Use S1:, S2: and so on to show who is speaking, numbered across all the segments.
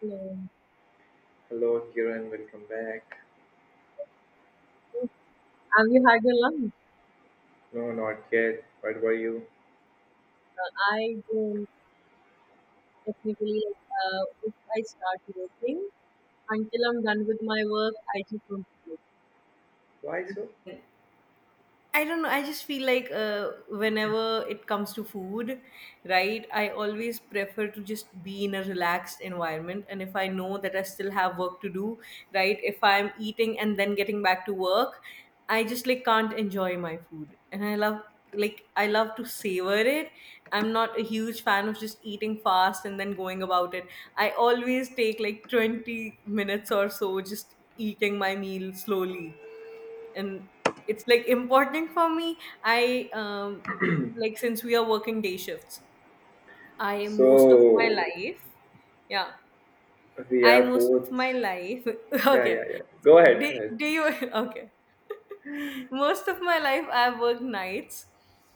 S1: No.
S2: Hello, Kiran. Welcome back.
S1: Have you had your lunch?
S2: No, not yet. What were you?
S1: I don't. Technically, if I start working until I'm done with my work, I just want to work.
S2: Why so?
S1: And I don't know. I just feel like whenever it comes to food, right, I always prefer to just be in a relaxed environment. And if I know that I still have work to do, right, if I'm eating and then getting back to work, I just like can't enjoy my food. And I love, like, I love to savor it. I'm not a huge fan of just eating fast and then going about it. I always take like 20 minutes or so just eating my meal slowly. And it's like important for me. I, um, like, since we are working day shifts, I most of my
S2: So
S1: life, yeah,
S2: we
S1: I
S2: are
S1: most of
S2: both.
S1: my life,
S2: Yeah, yeah,
S1: okay.
S2: yeah. Go ahead.
S1: Do,
S2: Go ahead.
S1: do you, okay. Most of my life, I've worked nights.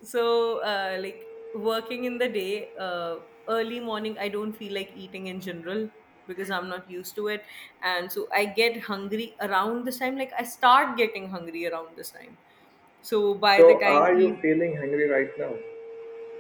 S1: So, like, working in the day, early morning, I don't feel like eating in general because I'm not used to it. And so I get hungry around this time. Like, I start getting hungry around this time. So, by the
S2: So,
S1: time,
S2: are you
S1: you.
S2: feeling hungry right now?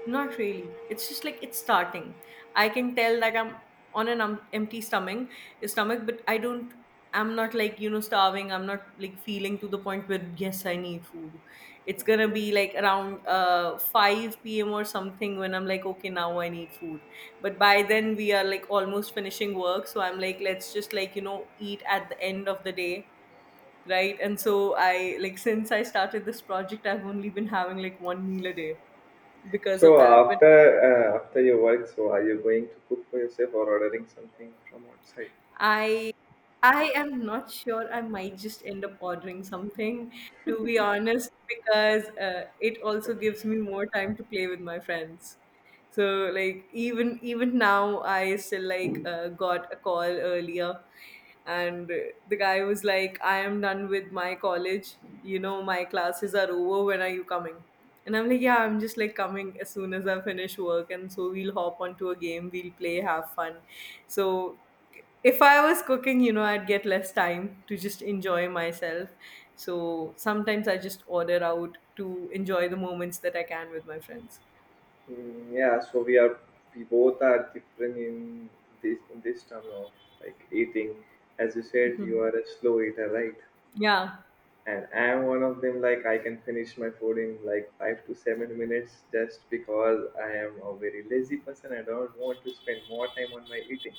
S1: Not really. It's just like it's starting. I can tell that I'm on an empty stomach, but I don't. I'm not like you know starving. I'm not like feeling to the point where yes, I need food. It's gonna
S2: Okay.
S1: be like around 5 p.m. or something when I'm like okay now I need food. But by then we are like almost finishing work, so I'm like let's just like you know eat at the end of the day, right? And so I like since I started this project, I've only been having like one meal a day because of
S2: So
S1: that. When
S2: after your work, so are you going to cook for yourself or ordering something from outside?
S1: I I am not sure. I might just end up ordering something, to be honest, because it also gives me more time to play with my friends. So like even now, I still like got a call earlier and the guy was like I am done with my college you know my classes are over when are you coming and I'm like yeah I'm just like coming as soon as I finish work and so we'll hop onto a game we'll play have fun so if I was cooking you know I'd get less time to just enjoy myself so sometimes I just order out to enjoy the moments that I can with my friends.
S2: Mm, yeah. So we both are different in this term of like eating. As you said, you are a slow eater, right?
S1: Yeah,
S2: And I'm one of them. Like, I can finish my food in like 5 to 7 minutes just because I am a very lazy person. I don't want to spend more time on my eating.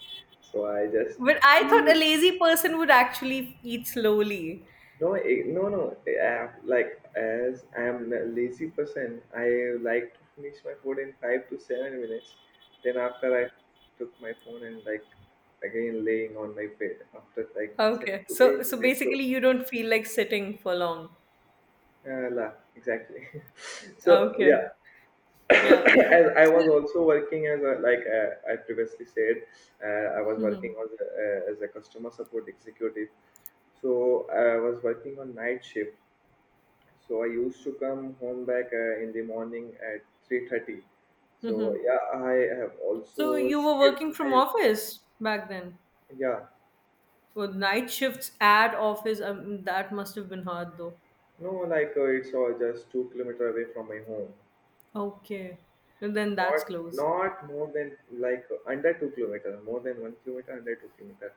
S2: So I just
S1: but I thought a
S2: do
S1: lazy person would actually eat slowly.
S2: no, no, no, I have, like, as I am a lazy person, I like to finish my food in 5 to 7 minutes. Then after, I took my phone and like again laying on my bed after like seven
S1: Okay.
S2: to
S1: So
S2: eight
S1: so
S2: minutes So
S1: basically you don't feel like sitting for long.
S2: uh, la, exactly. So
S1: Okay.
S2: yeah.
S1: Yeah.
S2: As I
S1: So,
S2: was also working I previously said, I was working
S1: mhm.
S2: as a customer support executive. So I was working on night shift. So I used to come home back in the morning at 3:30. So
S1: Mhm.
S2: yeah, I have
S1: So
S2: also
S1: you were
S2: skipped
S1: working from
S2: my.
S1: office back then.
S2: Yeah.
S1: Well, night shifts at office, that must have been hard though.
S2: No, it's all just 2 kilometer away from my home.
S1: Okay. And then that's
S2: Not
S1: close.
S2: not more than like under 2 kilometer, more than 1 kilometer, under 2 kilometer.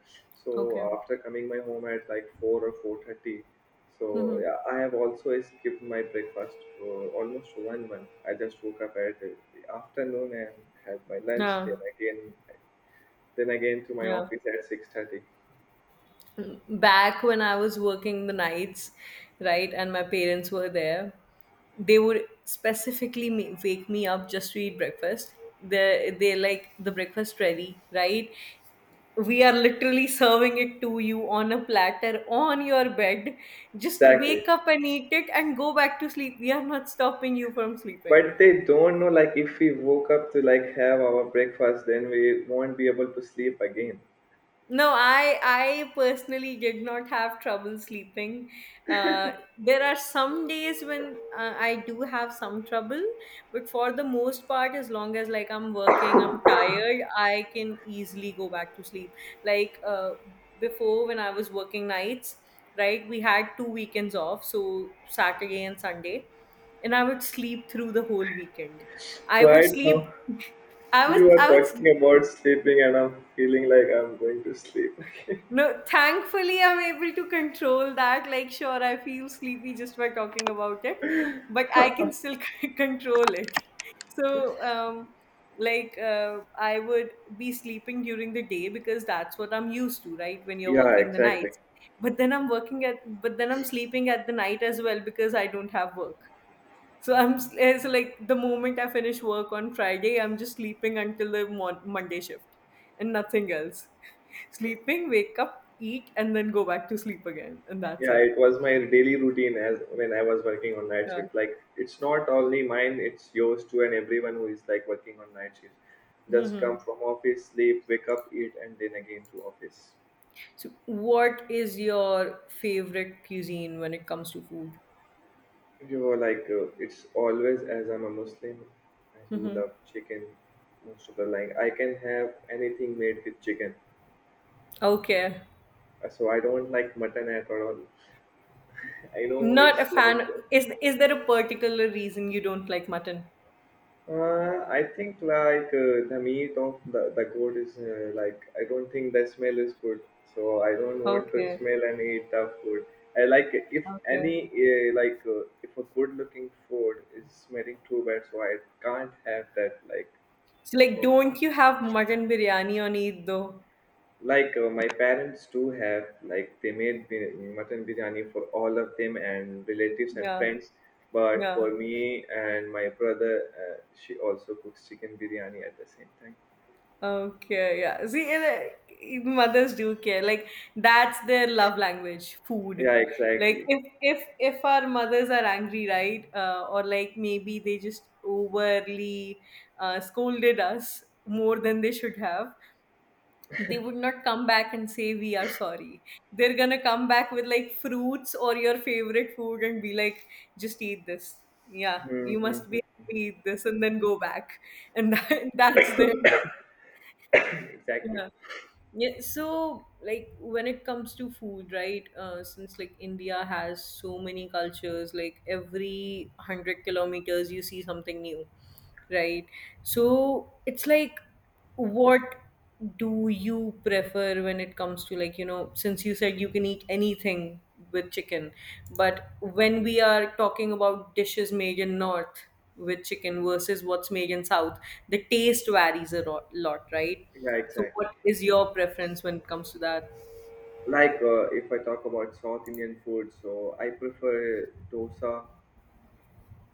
S1: Okay.
S2: So after coming my home at like 4 or 4:30. So
S1: Mm-hmm.
S2: yeah, I have also skipped my breakfast for almost 1 month. I just woke up at the afternoon and had my lunch. Then
S1: Yeah.
S2: again, then again to my
S1: Yeah.
S2: office at 6:30.
S1: Back when I was working the nights, right, and my parents were there, they would specifically wake me up just to eat breakfast. They like the breakfast ready, right? We are literally serving it to you on a platter on your bed. Just
S2: Exactly.
S1: wake up and eat it and go back to sleep. We are not stopping you from sleeping.
S2: But they don't know, like if we woke up to like have our breakfast, then we won't be able to sleep again.
S1: No, I personally did not have trouble sleeping. There are some days when I do have some trouble, but for the most part, as long as like I'm working, I'm tired, I can easily go back to sleep. Like uh, Before, when I was working nights, right? We had two weekends off, so Saturday and Sunday, and I would sleep through the whole weekend. I would
S2: Right
S1: sleep.
S2: now.
S1: I was
S2: You are
S1: I
S2: talking
S1: would.
S2: about sleeping, and I'm feeling like I'm going to sleep.
S1: No, thankfully I'm able to control that. Like, sure, I feel sleepy just by talking about it, but I can still control it. So, like, I would be sleeping during the day because that's what I'm used to, right? When you're
S2: Yeah,
S1: working the
S2: exactly.
S1: nights, but then I'm sleeping at the night as well because I don't have work. So so like the moment I finish work on Friday, I'm just sleeping until the Monday shift, and nothing else. Sleeping, wake up, eat, and then go back to sleep again, and that's
S2: Yeah,
S1: it.
S2: it was my daily routine as when I was working on night
S1: Yeah.
S2: shift. Like, it's not only mine; it's yours too, and everyone who is like working on night shift. Just come from office, sleep, wake up, eat, and then again to office.
S1: So, what is your favorite cuisine when it comes to food?
S2: You know, it's always as I'm a Muslim, I do
S1: Hmm.
S2: love chicken most of the like. I can have anything made with chicken.
S1: Okay.
S2: So I don't like mutton at all. I know
S1: Not a
S2: it's like.
S1: fan. Is there a particular reason you don't like mutton?
S2: I think the meat of the goat is like I don't think the smell is good, so I don't want to
S1: Okay.
S2: smell and eat the food. I like if
S1: Okay.
S2: any, if a good looking food is smelling too bad, so I can't have that like
S1: So like,
S2: from.
S1: don't you have mutton biryani on Eid though?
S2: My parents too have, like they made mutton biryani for all of them and relatives and
S1: Yeah.
S2: friends. But
S1: Yeah.
S2: for me and my brother, she also cooks chicken biryani at the same time.
S1: Okay, yeah. See, and, mothers do care. Like that's their love language, food.
S2: Yeah,
S1: Like
S2: exactly.
S1: if our mothers are angry, right? Or like maybe they just overly scolded us more than they should have. They would not come back and say we are sorry. They're gonna come back with like fruits or your favorite food and be like, just eat this. Yeah, you must be
S2: Mm-hmm.
S1: happy, eat this and then go back. And that, that's their.
S2: Exactly.
S1: Yeah. Yeah, so like when it comes to food, right? Since like India has so many cultures, like every hundred kilometers you see something new, right? So it's like, what do you prefer when it comes to like you know? Since you said you can eat anything with chicken, but when we are talking about dishes made in North with chicken versus what's made in South, the taste varies a lot, right?
S2: Yeah,
S1: So,
S2: exactly.
S1: what is your preference when it comes to that?
S2: If I talk about South Indian food, so I prefer dosa.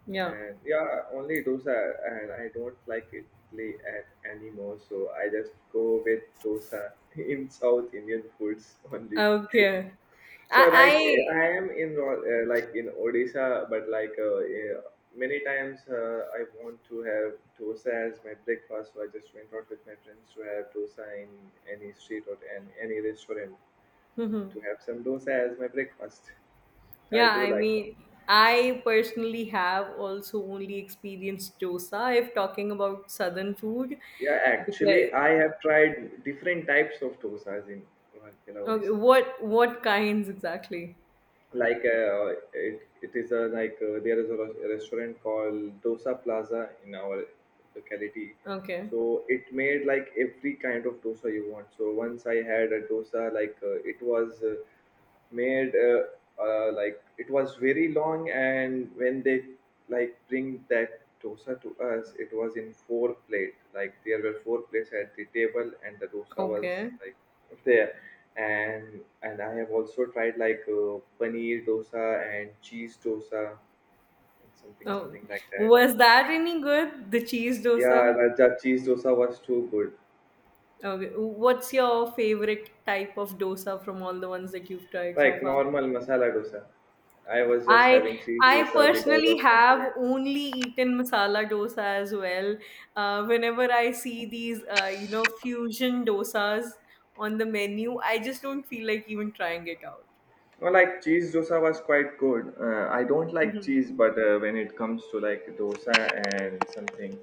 S1: Yeah.
S2: And yeah, only dosa, and I don't like idli at anymore, so I just go with dosa in South Indian foods only.
S1: Okay. I,
S2: So
S1: I
S2: I am in like in Odisha, but many times I want to have dosa as my breakfast, so I just went out with my friends to have dosa in any street or in any restaurant
S1: Mhm.
S2: to have some dosa as my breakfast. I
S1: Yeah,
S2: do
S1: I
S2: like.
S1: mean, I personally have also only experienced dosa if talking about southern food
S2: Yeah,
S1: because
S2: actually, I have tried different types of dosas in Rourkela,
S1: okay,
S2: Odisha.
S1: what kinds exactly?
S2: It, it is a like There is a restaurant called Dosa Plaza in our locality.
S1: Okay.
S2: So it made like every kind of dosa you want. So once I had a dosa, it was made, like it was very long, and when they like bring that dosa to us, it was in four plate, like there were four plates at the table and the dosa was
S1: Okay.
S2: like there. And I have also tried paneer dosa and cheese dosa and something
S1: Oh,
S2: something like that.
S1: was that any good? The cheese
S2: Yeah,
S1: dosa?
S2: raja cheese dosa was too good.
S1: Okay. What's your favorite type of dosa from all the ones that you've tried
S2: Like
S1: so far?
S2: normal masala dosa. I was just
S1: I
S2: having cheese
S1: I
S2: dosa because
S1: personally
S2: of my
S1: have
S2: friend.
S1: only eaten masala dosa as well. Whenever I see these, you know, fusion dosas on the menu, I just don't feel like even trying it out.
S2: Well, like cheese dosa was quite good. I don't like
S1: Mhm.
S2: cheese, but when it comes to like dosa and something,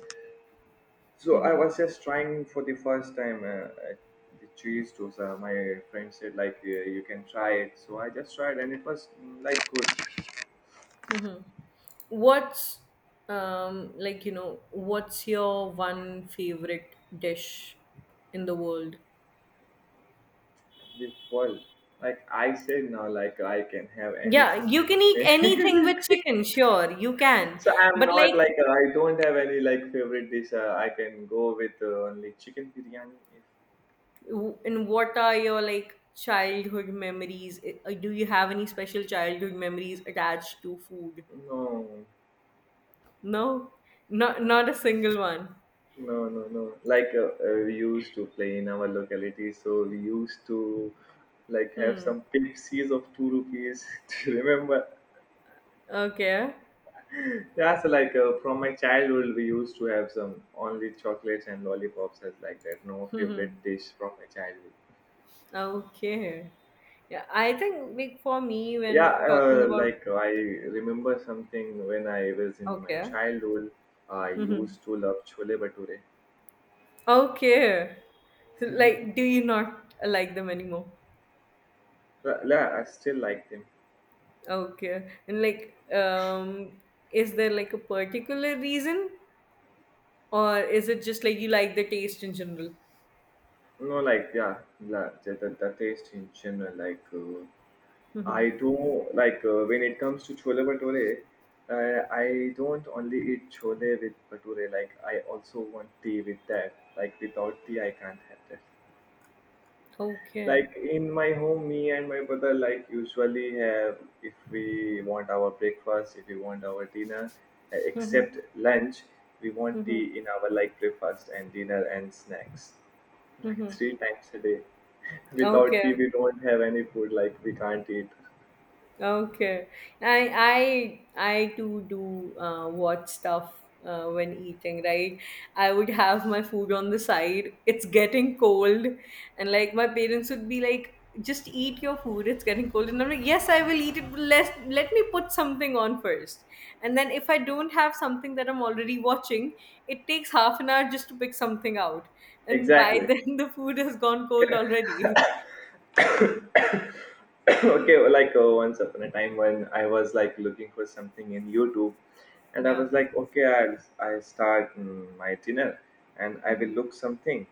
S2: so I
S1: Mhm.
S2: was just trying for the first time, uh, the cheese dosa. My friend said, you can try it, so I just tried and it was like good.
S1: Mhm. What's like you know what's your one favorite dish in the world?
S2: The world, like I said now, like I can have
S1: Yeah,
S2: anything
S1: you
S2: with
S1: can eat
S2: me.
S1: anything with chicken, sure, you can.
S2: So I'm
S1: But like
S2: not like. I don't have any like favorite dish. I can go with only chicken biryani.
S1: And what are your like childhood memories? Do you have any special childhood memories attached to food?
S2: No,
S1: No, not
S2: no.
S1: not a single one.
S2: No, no, no. We used to play in our locality, so we used to like have
S1: Hmm.
S2: some Pepsis of 2 rupees. Do you remember?
S1: Okay.
S2: That's from my childhood. We used to have some only chocolates and lollipops as like that. No favorite
S1: Hmm.
S2: dish from my childhood.
S1: Okay. Yeah, I think like for me
S2: Yeah,
S1: when talking about
S2: like I remember something when I was in my
S1: okay.
S2: childhood. I
S1: Mm-hmm.
S2: used to love chole bhature.
S1: Okay. So, like, do you not like them anymore?
S2: I still like them.
S1: Okay. And like, is there like a particular reason? Or is it just like you like the taste in general?
S2: No, like yeah, the taste in general,
S1: Mhm.
S2: I don't like, when it comes to chole bhature. I don't only eat chole with bhature. Like I also want tea with that. Like without tea, I can't have that.
S1: Okay.
S2: Like in my home, me and my brother like usually have, if we want our breakfast, if we want our dinner,
S1: Mhm.
S2: except lunch, we want
S1: Mhm.
S2: tea in our like breakfast and dinner and snacks, like
S1: Mhm.
S2: three times a day. Without tea,
S1: Okay.
S2: we don't have any food. Like we can't eat.
S1: Okay. I too do watch stuff when eating, right? I would have my food on the side. It's getting cold, and like my parents would be like, "Just eat your food. It's getting cold." And I'm like, "Yes, I will eat it. But let me put something on first." And then if I don't have something that I'm already watching, it takes half an hour just to pick something out. And by
S2: Exactly.
S1: then the food has gone cold already.
S2: Okay, well, once upon a time when I was like looking for something in YouTube, and I
S1: Yeah.
S2: was like, okay, I start my dinner and I will
S1: Mhm.
S2: look something.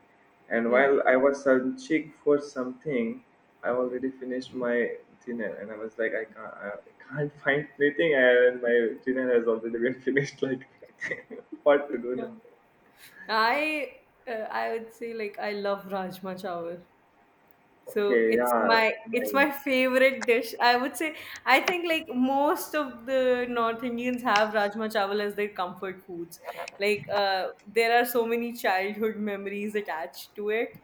S2: And
S1: Hmm.
S2: while I was searching for something, I already finished my dinner and I was like, I can't find anything, and my dinner has already been finished, like what to do
S1: Yeah.
S2: now.
S1: I I would say like I love rajma chawal. So
S2: Okay,
S1: it's
S2: yeah,
S1: my
S2: my.
S1: it's my favorite dish. I would say I think like most of the North Indians have rajma chawal as their comfort foods. There are so many childhood memories attached to it.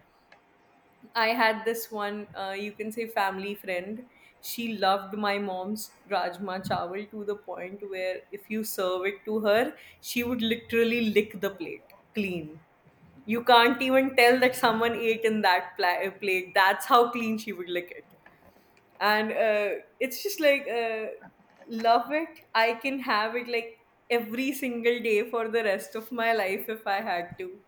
S1: I had this one you can say family friend. She loved my mom's rajma chawal to the point where if you serve it to her, she would literally lick the plate clean. You can't even tell that someone ate in that plate. That's how clean she would lick it. And it's just like, love it. I can have it like every single day for the rest of my life if I had to.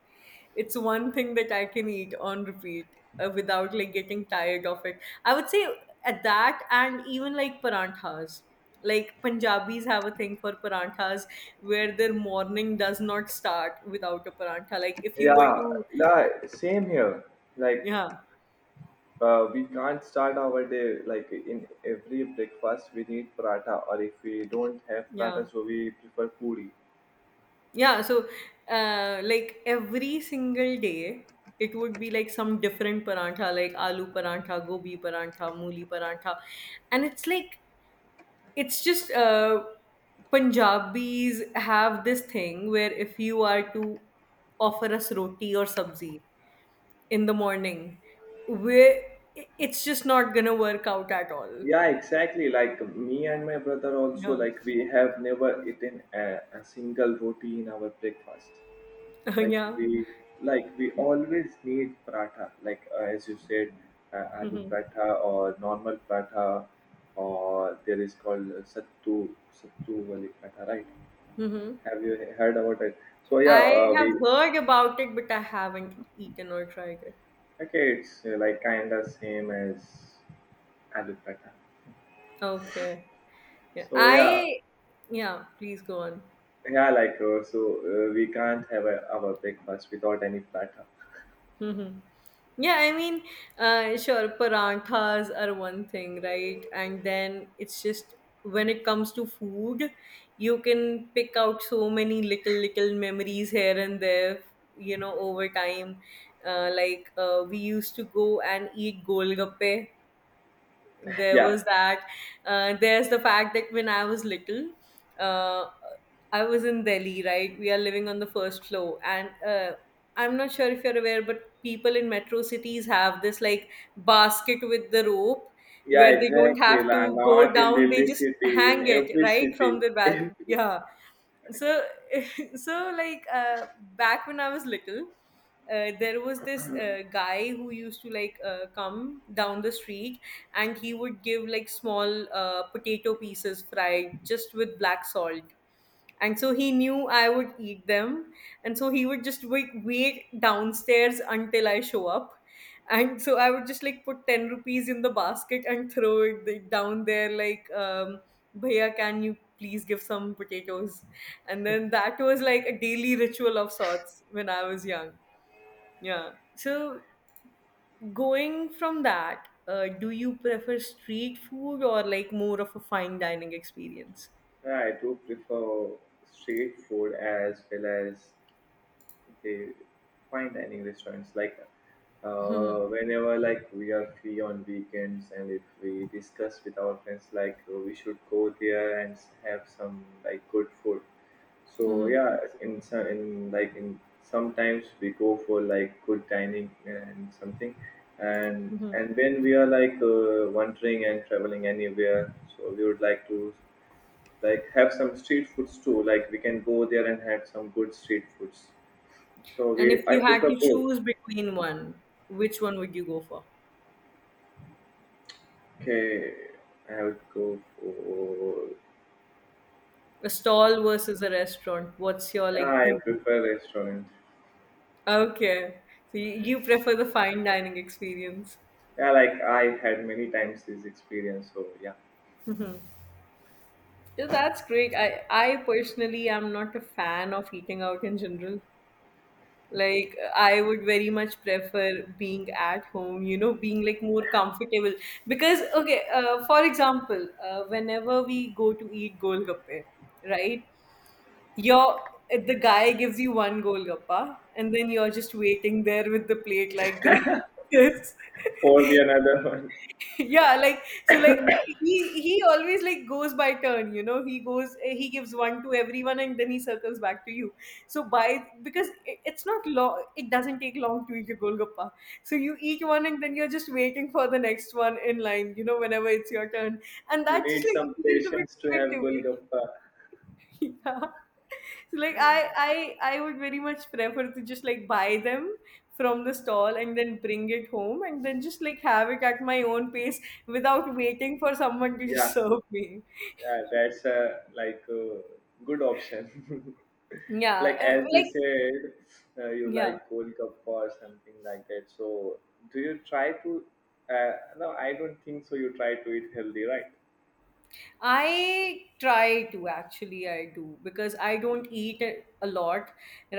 S1: It's one thing that I can eat on repeat without like getting tired of it. I would say at that and even like paranthas. Like Punjabis have a thing for paranthas where their morning does not start without a parantha. Like if you were
S2: Yeah,
S1: to
S2: yeah, same here, like.
S1: yeah,
S2: We can't start our day, like in every breakfast we need paratha, or if we don't have paratha
S1: yeah,
S2: so we prefer puri.
S1: yeah, So, like every single day, it would be like some different parantha, like aloo parantha, gobi parantha, mooli parantha, and it's like it's just Punjabis have this thing where if you are to offer us roti or sabzi in the morning, where it's just not gonna work out at all.
S2: Yeah, exactly, like me and my brother also,
S1: Yeah,
S2: like we have never eaten a single roti in our breakfast. Like
S1: yeah.
S2: we, always need paratha, as you said, aloo
S1: Hmm.
S2: paratha or normal paratha, or there is called sattu sattu wali paratha, right?
S1: Hmm.
S2: Have you heard about it? So yeah,
S1: I
S2: we.
S1: have heard about it, but I haven't eaten or tried it.
S2: Okay, it's like kinda same as alupata.
S1: Okay. Yeah.
S2: So yeah,
S1: Yeah, please go on.
S2: yeah, we can't have our breakfast without any platter.
S1: Hmm. Yeah, I mean, sure, paranthas are one thing, right? And then it's just when it comes to food, you can pick out so many little memories here and there, you know, over time. We used to go and eat golgappe. There
S2: Yeah,
S1: was that. There's the fact that when I was little, uh, I was in Delhi, right? We are living on the first floor, and I'm not sure if you're aware, but people in metro cities have this like basket with the rope
S2: yeah,
S1: where they don't
S2: exactly.
S1: have
S2: Like
S1: to go
S2: not in
S1: down, they
S2: Delhi
S1: just
S2: city, in
S1: hang it
S2: every
S1: right
S2: city.
S1: from the
S2: Yeah,
S1: yeah. So so like back when I was little, there was this guy who used to like come down the street, and he would give like small potato pieces fried just with black salt. And so he knew I would eat them, and so he would just wait downstairs until I show up. And so I would just like put 10 rupees in the basket and throw it down there like bhaiya, can you please give some potatoes? And then that was like a daily ritual of sorts when I was young. Yeah, so going from that, do you prefer street food or like more of a fine dining experience?
S2: I do prefer street food as well as, okay, fine dining restaurants. Whenever like we are free on weekends, and if we discuss with our friends, we should go there and have some like good food. So yeah, in some in like in sometimes we go for like good dining and something, and
S1: Hmm.
S2: and when we are wandering and traveling anywhere, so we would like to like have some street foods too. Like we can go there and have some good street foods. So
S1: And
S2: we,
S1: if
S2: I
S1: you had
S2: prefer
S1: to
S2: both.
S1: choose between one, which one would you go for?
S2: Okay, I would go for.
S1: A stall versus a restaurant. What's your
S2: Yeah,
S1: like
S2: I
S1: two?
S2: prefer restaurant.
S1: Okay, so you prefer the fine dining experience.
S2: Yeah, like I had many times this experience. So yeah,
S1: Yeah, that's great. I personally am not a fan of eating out in general. Like I would very much prefer being at home, you know, being like more comfortable. Because okay, for example, whenever we go to eat golgappe, right? You're the guy gives you one golgappa, and then you're just waiting there with the plate like this. Yes.
S2: for the another one,
S1: Yeah, like so like he he always like goes by turn, you know. He goes he gives one to everyone and then he circles back to you. So by because it's not long, it doesn't take long to eat a golgappa. So you eat one and then you're just waiting for the next one in line, you know, whenever it's your turn. And
S2: you
S1: that
S2: need
S1: just like
S2: some
S1: feels a bit
S2: patience to have
S1: weird to me.
S2: golgappa.
S1: Yeah. So like I I I would very much prefer to just like buy them from the stall and then bring it home and then just like have it at my own pace without waiting for someone to just
S2: Yeah,
S1: serve me.
S2: yeah, that's a, like, a good option.
S1: Yeah,
S2: Like
S1: uh,
S2: as you
S1: like
S2: said, you
S1: Yeah,
S2: like golgappa or something like that. So do you try to? Uh, no, I don't think so. You try to eat healthy, right?
S1: I try to, actually. I do because I don't eat a lot,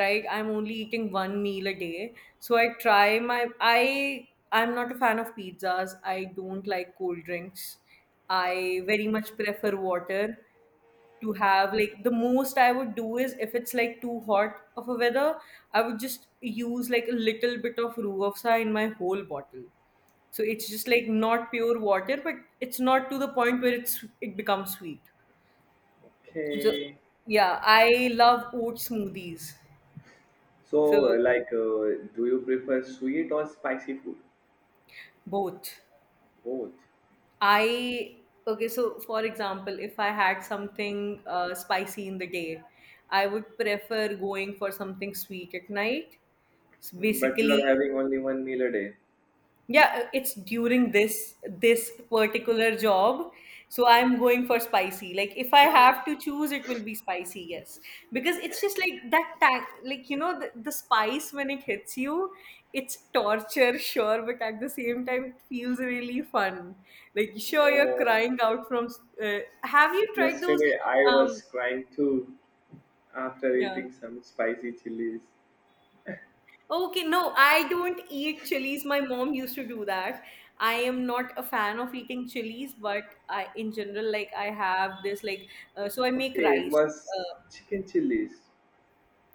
S1: right? I'm only eating one meal a day. So I try my I'm not a fan of pizzas. I don't like cold drinks. I very much prefer water. To have, like, the most I would do is if it's like too hot of a weather, I would just use like a little bit of roux in my whole bottle. So it's just like not pure water, but it's not to the point where it becomes sweet. So
S2: Okay.
S1: yeah, I love oat smoothies.
S2: So,
S1: So
S2: like, do you prefer sweet or spicy food?
S1: both.
S2: Both.
S1: I, okay, so for example, if I had something spicy in the day, I would prefer going for something sweet at night. So
S2: Mm. But you are
S1: basically,
S2: having only one meal a day.
S1: yeah, it's during this particular job. So I'm going for spicy. Like if I have to choose, it will be spicy, yes. Because it's just like that tang, like you know, the spice when it hits you, it's torture, sure, but at the same time it feels really fun. Like sure you're
S2: No.
S1: crying out from have you tried those
S2: Yesterday, I
S1: um
S2: was crying too after
S1: yeah.
S2: eating some spicy chilies.
S1: Okay, no, I don't eat chilies. My mom used to do that. I am not a fan of eating chilies, but I, in general, like I have this like, so I make
S2: Okay, it
S1: rice.
S2: was chicken chilies.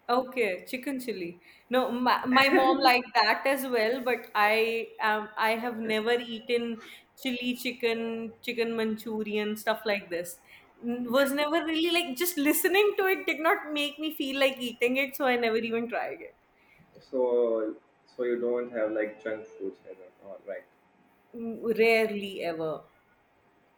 S1: Okay, chicken chili. No, my mom liked that as well, but I have never eaten chili chicken, chicken Manchurian, stuff like this. Was never really like just listening to it did not make me feel like eating it, so I never even tried it.
S2: So, so you don't have like junk foods and all, right.
S1: Rarely ever.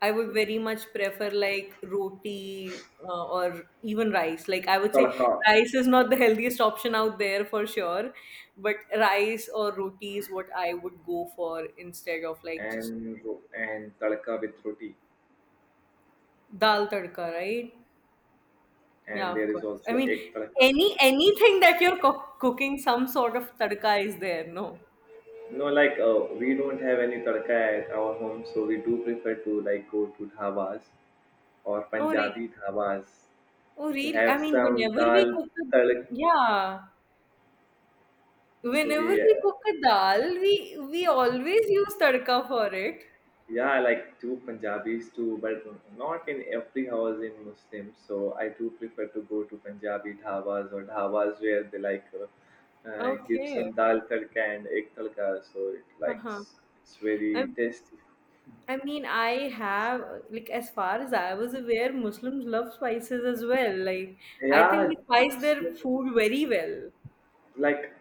S1: I would very much prefer like roti or even rice. Like I would say
S2: Tadka
S1: rice is not the healthiest option out there for sure, but rice or roti is what I would go for instead of like just
S2: and tadka with roti,
S1: dal tadka, right? Yeah,
S2: and
S1: of
S2: there is
S1: course. I
S2: also
S1: mean,
S2: egg tadka.
S1: anything that you're cooking, some sort of tadka is there, no?
S2: No, we don't have any tadka at our home, so we do prefer to like go to dhabas or
S1: Oh,
S2: Punjabi dhabas
S1: oh,
S2: to
S1: really? I
S2: have
S1: mean,
S2: some
S1: whenever we
S2: dal
S1: cook, a,
S2: tadka.
S1: yeah,
S2: So
S1: whenever
S2: we, uh,
S1: we cook a dal, we always use tadka for it.
S2: yeah, I like do Punjabis too, but not in every house in Muslim. So I do prefer to go to Punjabi dhabas or dhabas where they like give
S1: Okay.
S2: some dal tadka and egg tadka. So it like
S1: Uh-huh.
S2: it's
S1: I,
S2: very tasty.
S1: I mean, I have, like, as far as I was aware, Muslims love spices as well. Like, I think
S2: Yeah,
S1: they spice their
S2: Muslim
S1: food very well.
S2: like.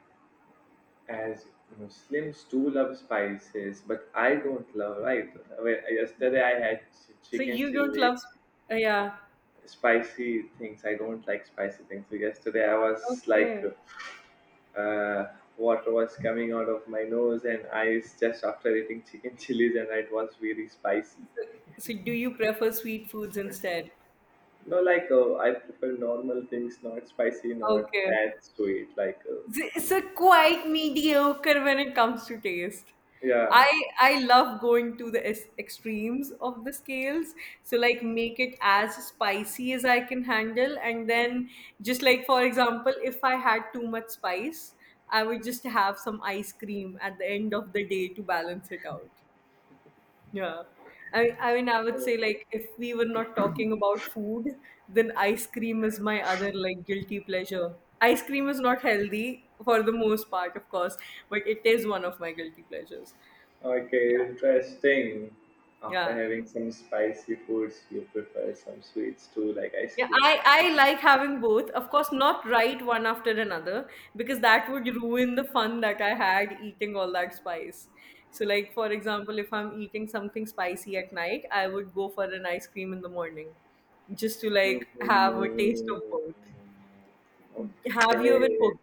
S2: As Muslims too love spices, but I don't love, right? Well, yesterday I had
S1: So
S2: chicken
S1: you don't
S2: chili,
S1: love, yeah.
S2: spicy things. I don't like spicy things. So yesterday I was like,
S1: Okay.
S2: uh, water was coming out of my nose and eyes just after eating chicken chilies, and it was very spicy.
S1: So do you prefer sweet foods instead?
S2: No, I prefer normal things, not spicy, not
S1: Okay.
S2: that sweet.
S1: It's a quite mediocre when it comes to taste.
S2: Yeah.
S1: I I love going to the extremes of the scales. So like make it as spicy as I can handle, and then just like for example, if I had too much spice, I would just have some ice cream at the end of the day to balance it out. Yeah. I mean, I
S2: Uh,
S1: would say, like, if we were not talking about food, then ice cream is my other, like, guilty pleasure. Ice cream is not healthy for the most part, of course, but it is one of my guilty pleasures.
S2: Okay, interesting. After
S1: Yeah.
S2: having some spicy foods, you prefer some sweets too, like ice
S1: Yeah,
S2: cream.
S1: I like having both. Of course, not right one after another because that would ruin the fun that I had eating all that spice. So like for example, if I'm eating something spicy at night, I would go for an ice cream in the morning just to like have a taste of
S2: Mhm.
S1: both. Have you ever
S2: Okay.
S1: cooked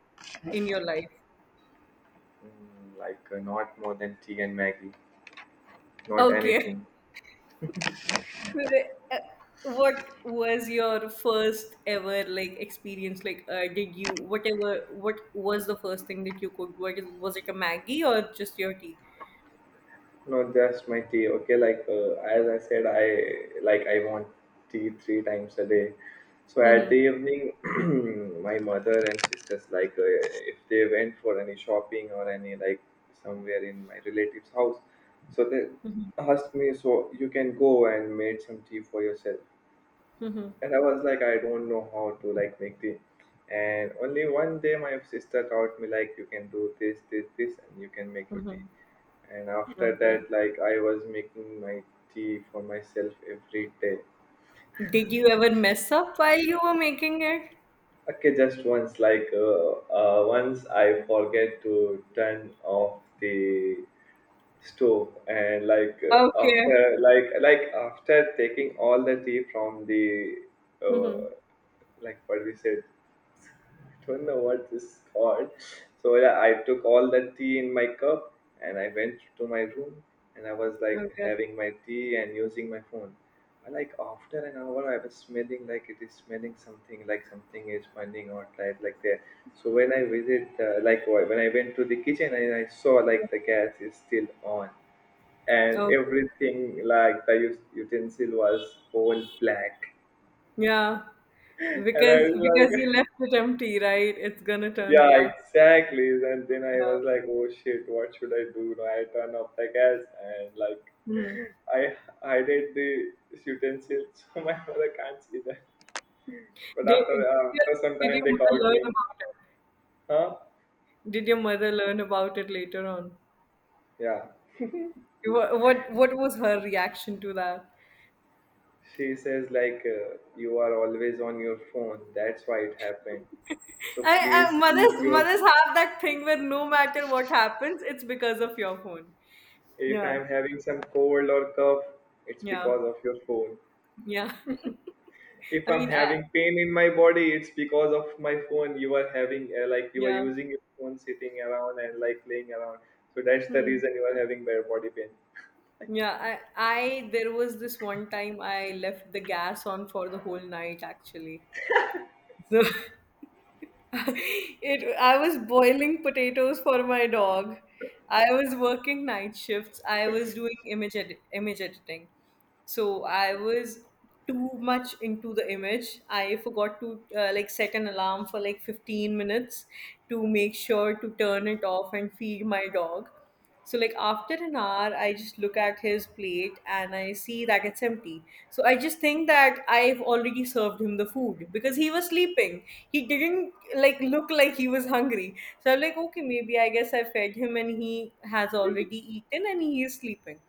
S1: in your life?
S2: Not more than tea and Maggie, not
S1: Okay.
S2: anything.
S1: Uh, What was your first ever like experience? Like, did you whatever? What was the first thing that you cooked? What is, was it a Maggie or just your tea?
S2: No, just my tea. Okay, as I said, I want tea 3 times a day. So at the
S1: Mm-hmm.
S2: evening, my mother and sisters if they went for any shopping or any like somewhere in my relative's house, so they
S1: Mm-hmm.
S2: asked me, so you can go and made some tea for yourself,
S1: Mm-hmm.
S2: and I was like, I don't know how to like make tea. And only one day my sister taught me like you can do this, this, this, and you can make your tea.
S1: Mm-hmm.
S2: And after
S1: Okay.
S2: that, like I was making my tea for myself every day.
S1: Did you ever mess up while you were making it?
S2: Okay, just once, once I forget to turn off the stove, and after
S1: Okay.
S2: like after taking all the tea from the uh,
S1: Mm-hmm.
S2: like what we said, don't know what this is called. So yeah, I took all that tea in my cup and I went to my room and I was like
S1: Okay.
S2: having my tea and using my phone. But like after an hour, I was smelling like it is smelling something like something is burning or like there. So like when I went to the kitchen and I saw like the gas is still on, and
S1: Okay.
S2: everything like the utensil was all black,
S1: Yeah.
S2: and I was
S1: Because you
S2: like
S1: left it empty, right? It's gonna turn
S2: Yeah,
S1: black.
S2: exactly. And then I
S1: Yeah.
S2: was like, oh shit, what should I do? No, I turn off the gas and like
S1: Mm-hmm.
S2: I hided the utensils, so my mother can't see that. But
S1: Did
S2: after some
S1: did your
S2: time, they
S1: mother
S2: called
S1: learn
S2: me.
S1: about it?
S2: Huh?
S1: Did your mother learn about it later on?
S2: Yeah.
S1: What what was her reaction to that?
S2: She says you are always on your phone. That's why it happened. So
S1: I,
S2: please
S1: I
S2: keep
S1: mothers
S2: your.
S1: mothers have that thing where no matter what happens, it's because of your phone.
S2: If
S1: Yeah,
S2: I'm having some cold or cough, it's
S1: yeah,
S2: because of your phone.
S1: yeah.
S2: If
S1: I
S2: I'm
S1: mean, I,
S2: having pain in my body, it's because of my phone. You are having like you are
S1: yeah.
S2: using your phone, sitting around and like playing around. So that's the
S1: Hmm.
S2: reason you are having bad body pain.
S1: Yeah, I there was this one time I left the gas on for the whole night actually. So It, I was boiling potatoes for my dog. I was working night shifts. I was doing image editing, so I was too much into the image. I forgot to like set an alarm for like 15 minutes to make sure to turn it off and feed my dog. So like after an hour I just look at his plate and I see that it's empty. So I just think that I've already served him the food because he was sleeping, he didn't like look like he was hungry. So I'm like okay, maybe I guess I fed him and he has already eaten and he is sleeping.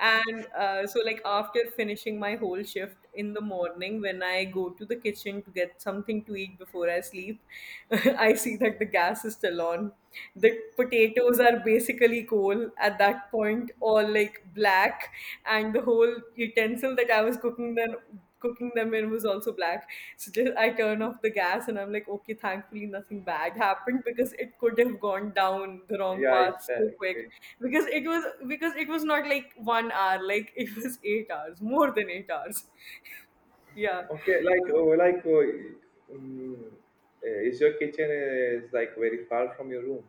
S1: And so, like, after finishing my whole shift in the morning, when I go to the kitchen to get something to eat before I sleep, I see that the gas is still on. The potatoes are basically coal at that point, all like black, and the whole utensil that I was cooking them in was also black. So just I turn off the gas and I'm like, okay, thankfully nothing bad happened because it could have gone down the wrong
S2: Yeah,
S1: path so quick.
S2: exactly.
S1: Because it was not like 1 hour, like it was 8 hours, more than 8 hours. Yeah.
S2: Okay, like oh, like oh, mm, is your kitchen is like very far from your room?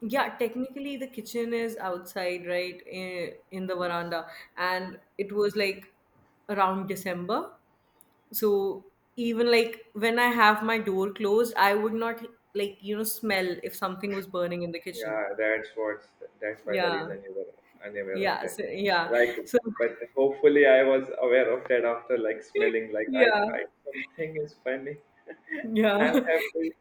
S1: Yeah, technically the kitchen is outside, right, in the veranda, and it was like around December. So even like when I have my door closed, I would not like you know smell if something was burning in the kitchen.
S2: Yeah, that's what. That's why the
S1: Yeah,
S2: reason you were unaware of
S1: yeah,
S2: that.
S1: so, yeah.
S2: Like,
S1: So
S2: but hopefully I was aware of that after like smelling. Like I
S1: yeah,
S2: thought something is funny.
S1: yeah.
S2: I'm happy.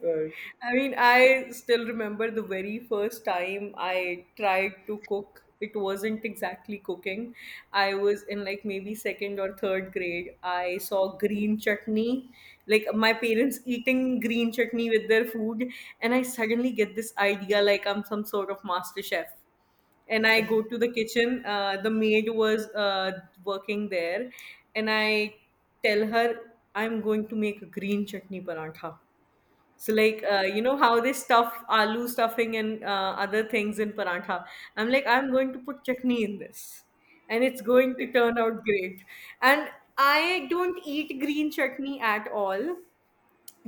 S2: Like,
S1: I mean, I still remember the very first time I tried to cook. It wasn't exactly cooking. I was in like maybe second or third grade. I saw green chutney, like my parents eating green chutney with their food, and I suddenly get this idea like I'm some sort of master chef, and I go to the kitchen. The maid was working there, and I tell her I'm going to make a green chutney parantha. So like you know how they stuff aloo stuffing and other things in paratha. I'm like I'm going to put chutney in this, and it's going to
S2: Okay.
S1: turn out great. And I don't eat green chutney at all.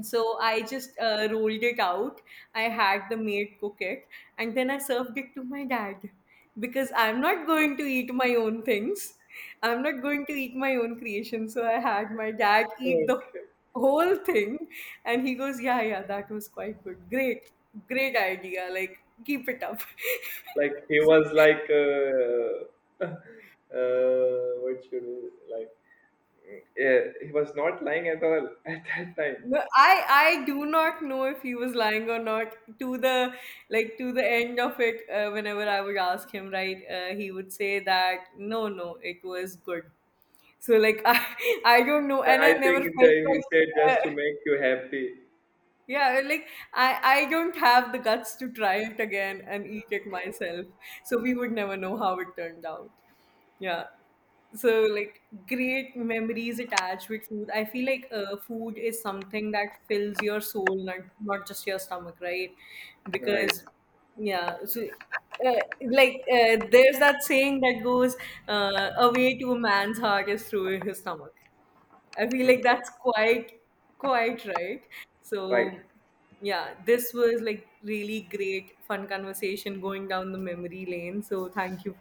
S1: So I just rolled it out. I had the maid cook it, and then I served it to my dad because I'm not going to eat my own things. I'm not going to eat my own creation. So I had my dad eat the
S2: Okay.
S1: whole thing, and he goes, "Yeah, yeah, that was quite good. Great, great idea. Like, keep it up."
S2: Like he was what should we like, yeah, he was not lying at all at that time.
S1: No, I do not know if he was lying or not. To the like to the end of it, whenever I would ask him, right, he would say that no, no, it was good. So like I don't know, and I
S2: I
S1: never
S2: think it's
S1: felt
S2: he
S1: like
S2: said
S1: uh,
S2: just to make you happy.
S1: yeah, like I don't have the guts to try it again and eat it myself. So we would never know how it turned out. Yeah. So like great memories attached with food. I feel like food is something that fills your soul, not not just your stomach, right?
S2: Right.
S1: Because yeah, so uh, there's that saying that goes, "A way to a man's heart is through his stomach." I feel like
S2: Mhm.
S1: that's quite quite right.
S2: Right.
S1: So yeah, this was like really great fun conversation going down the memory lane. So thank you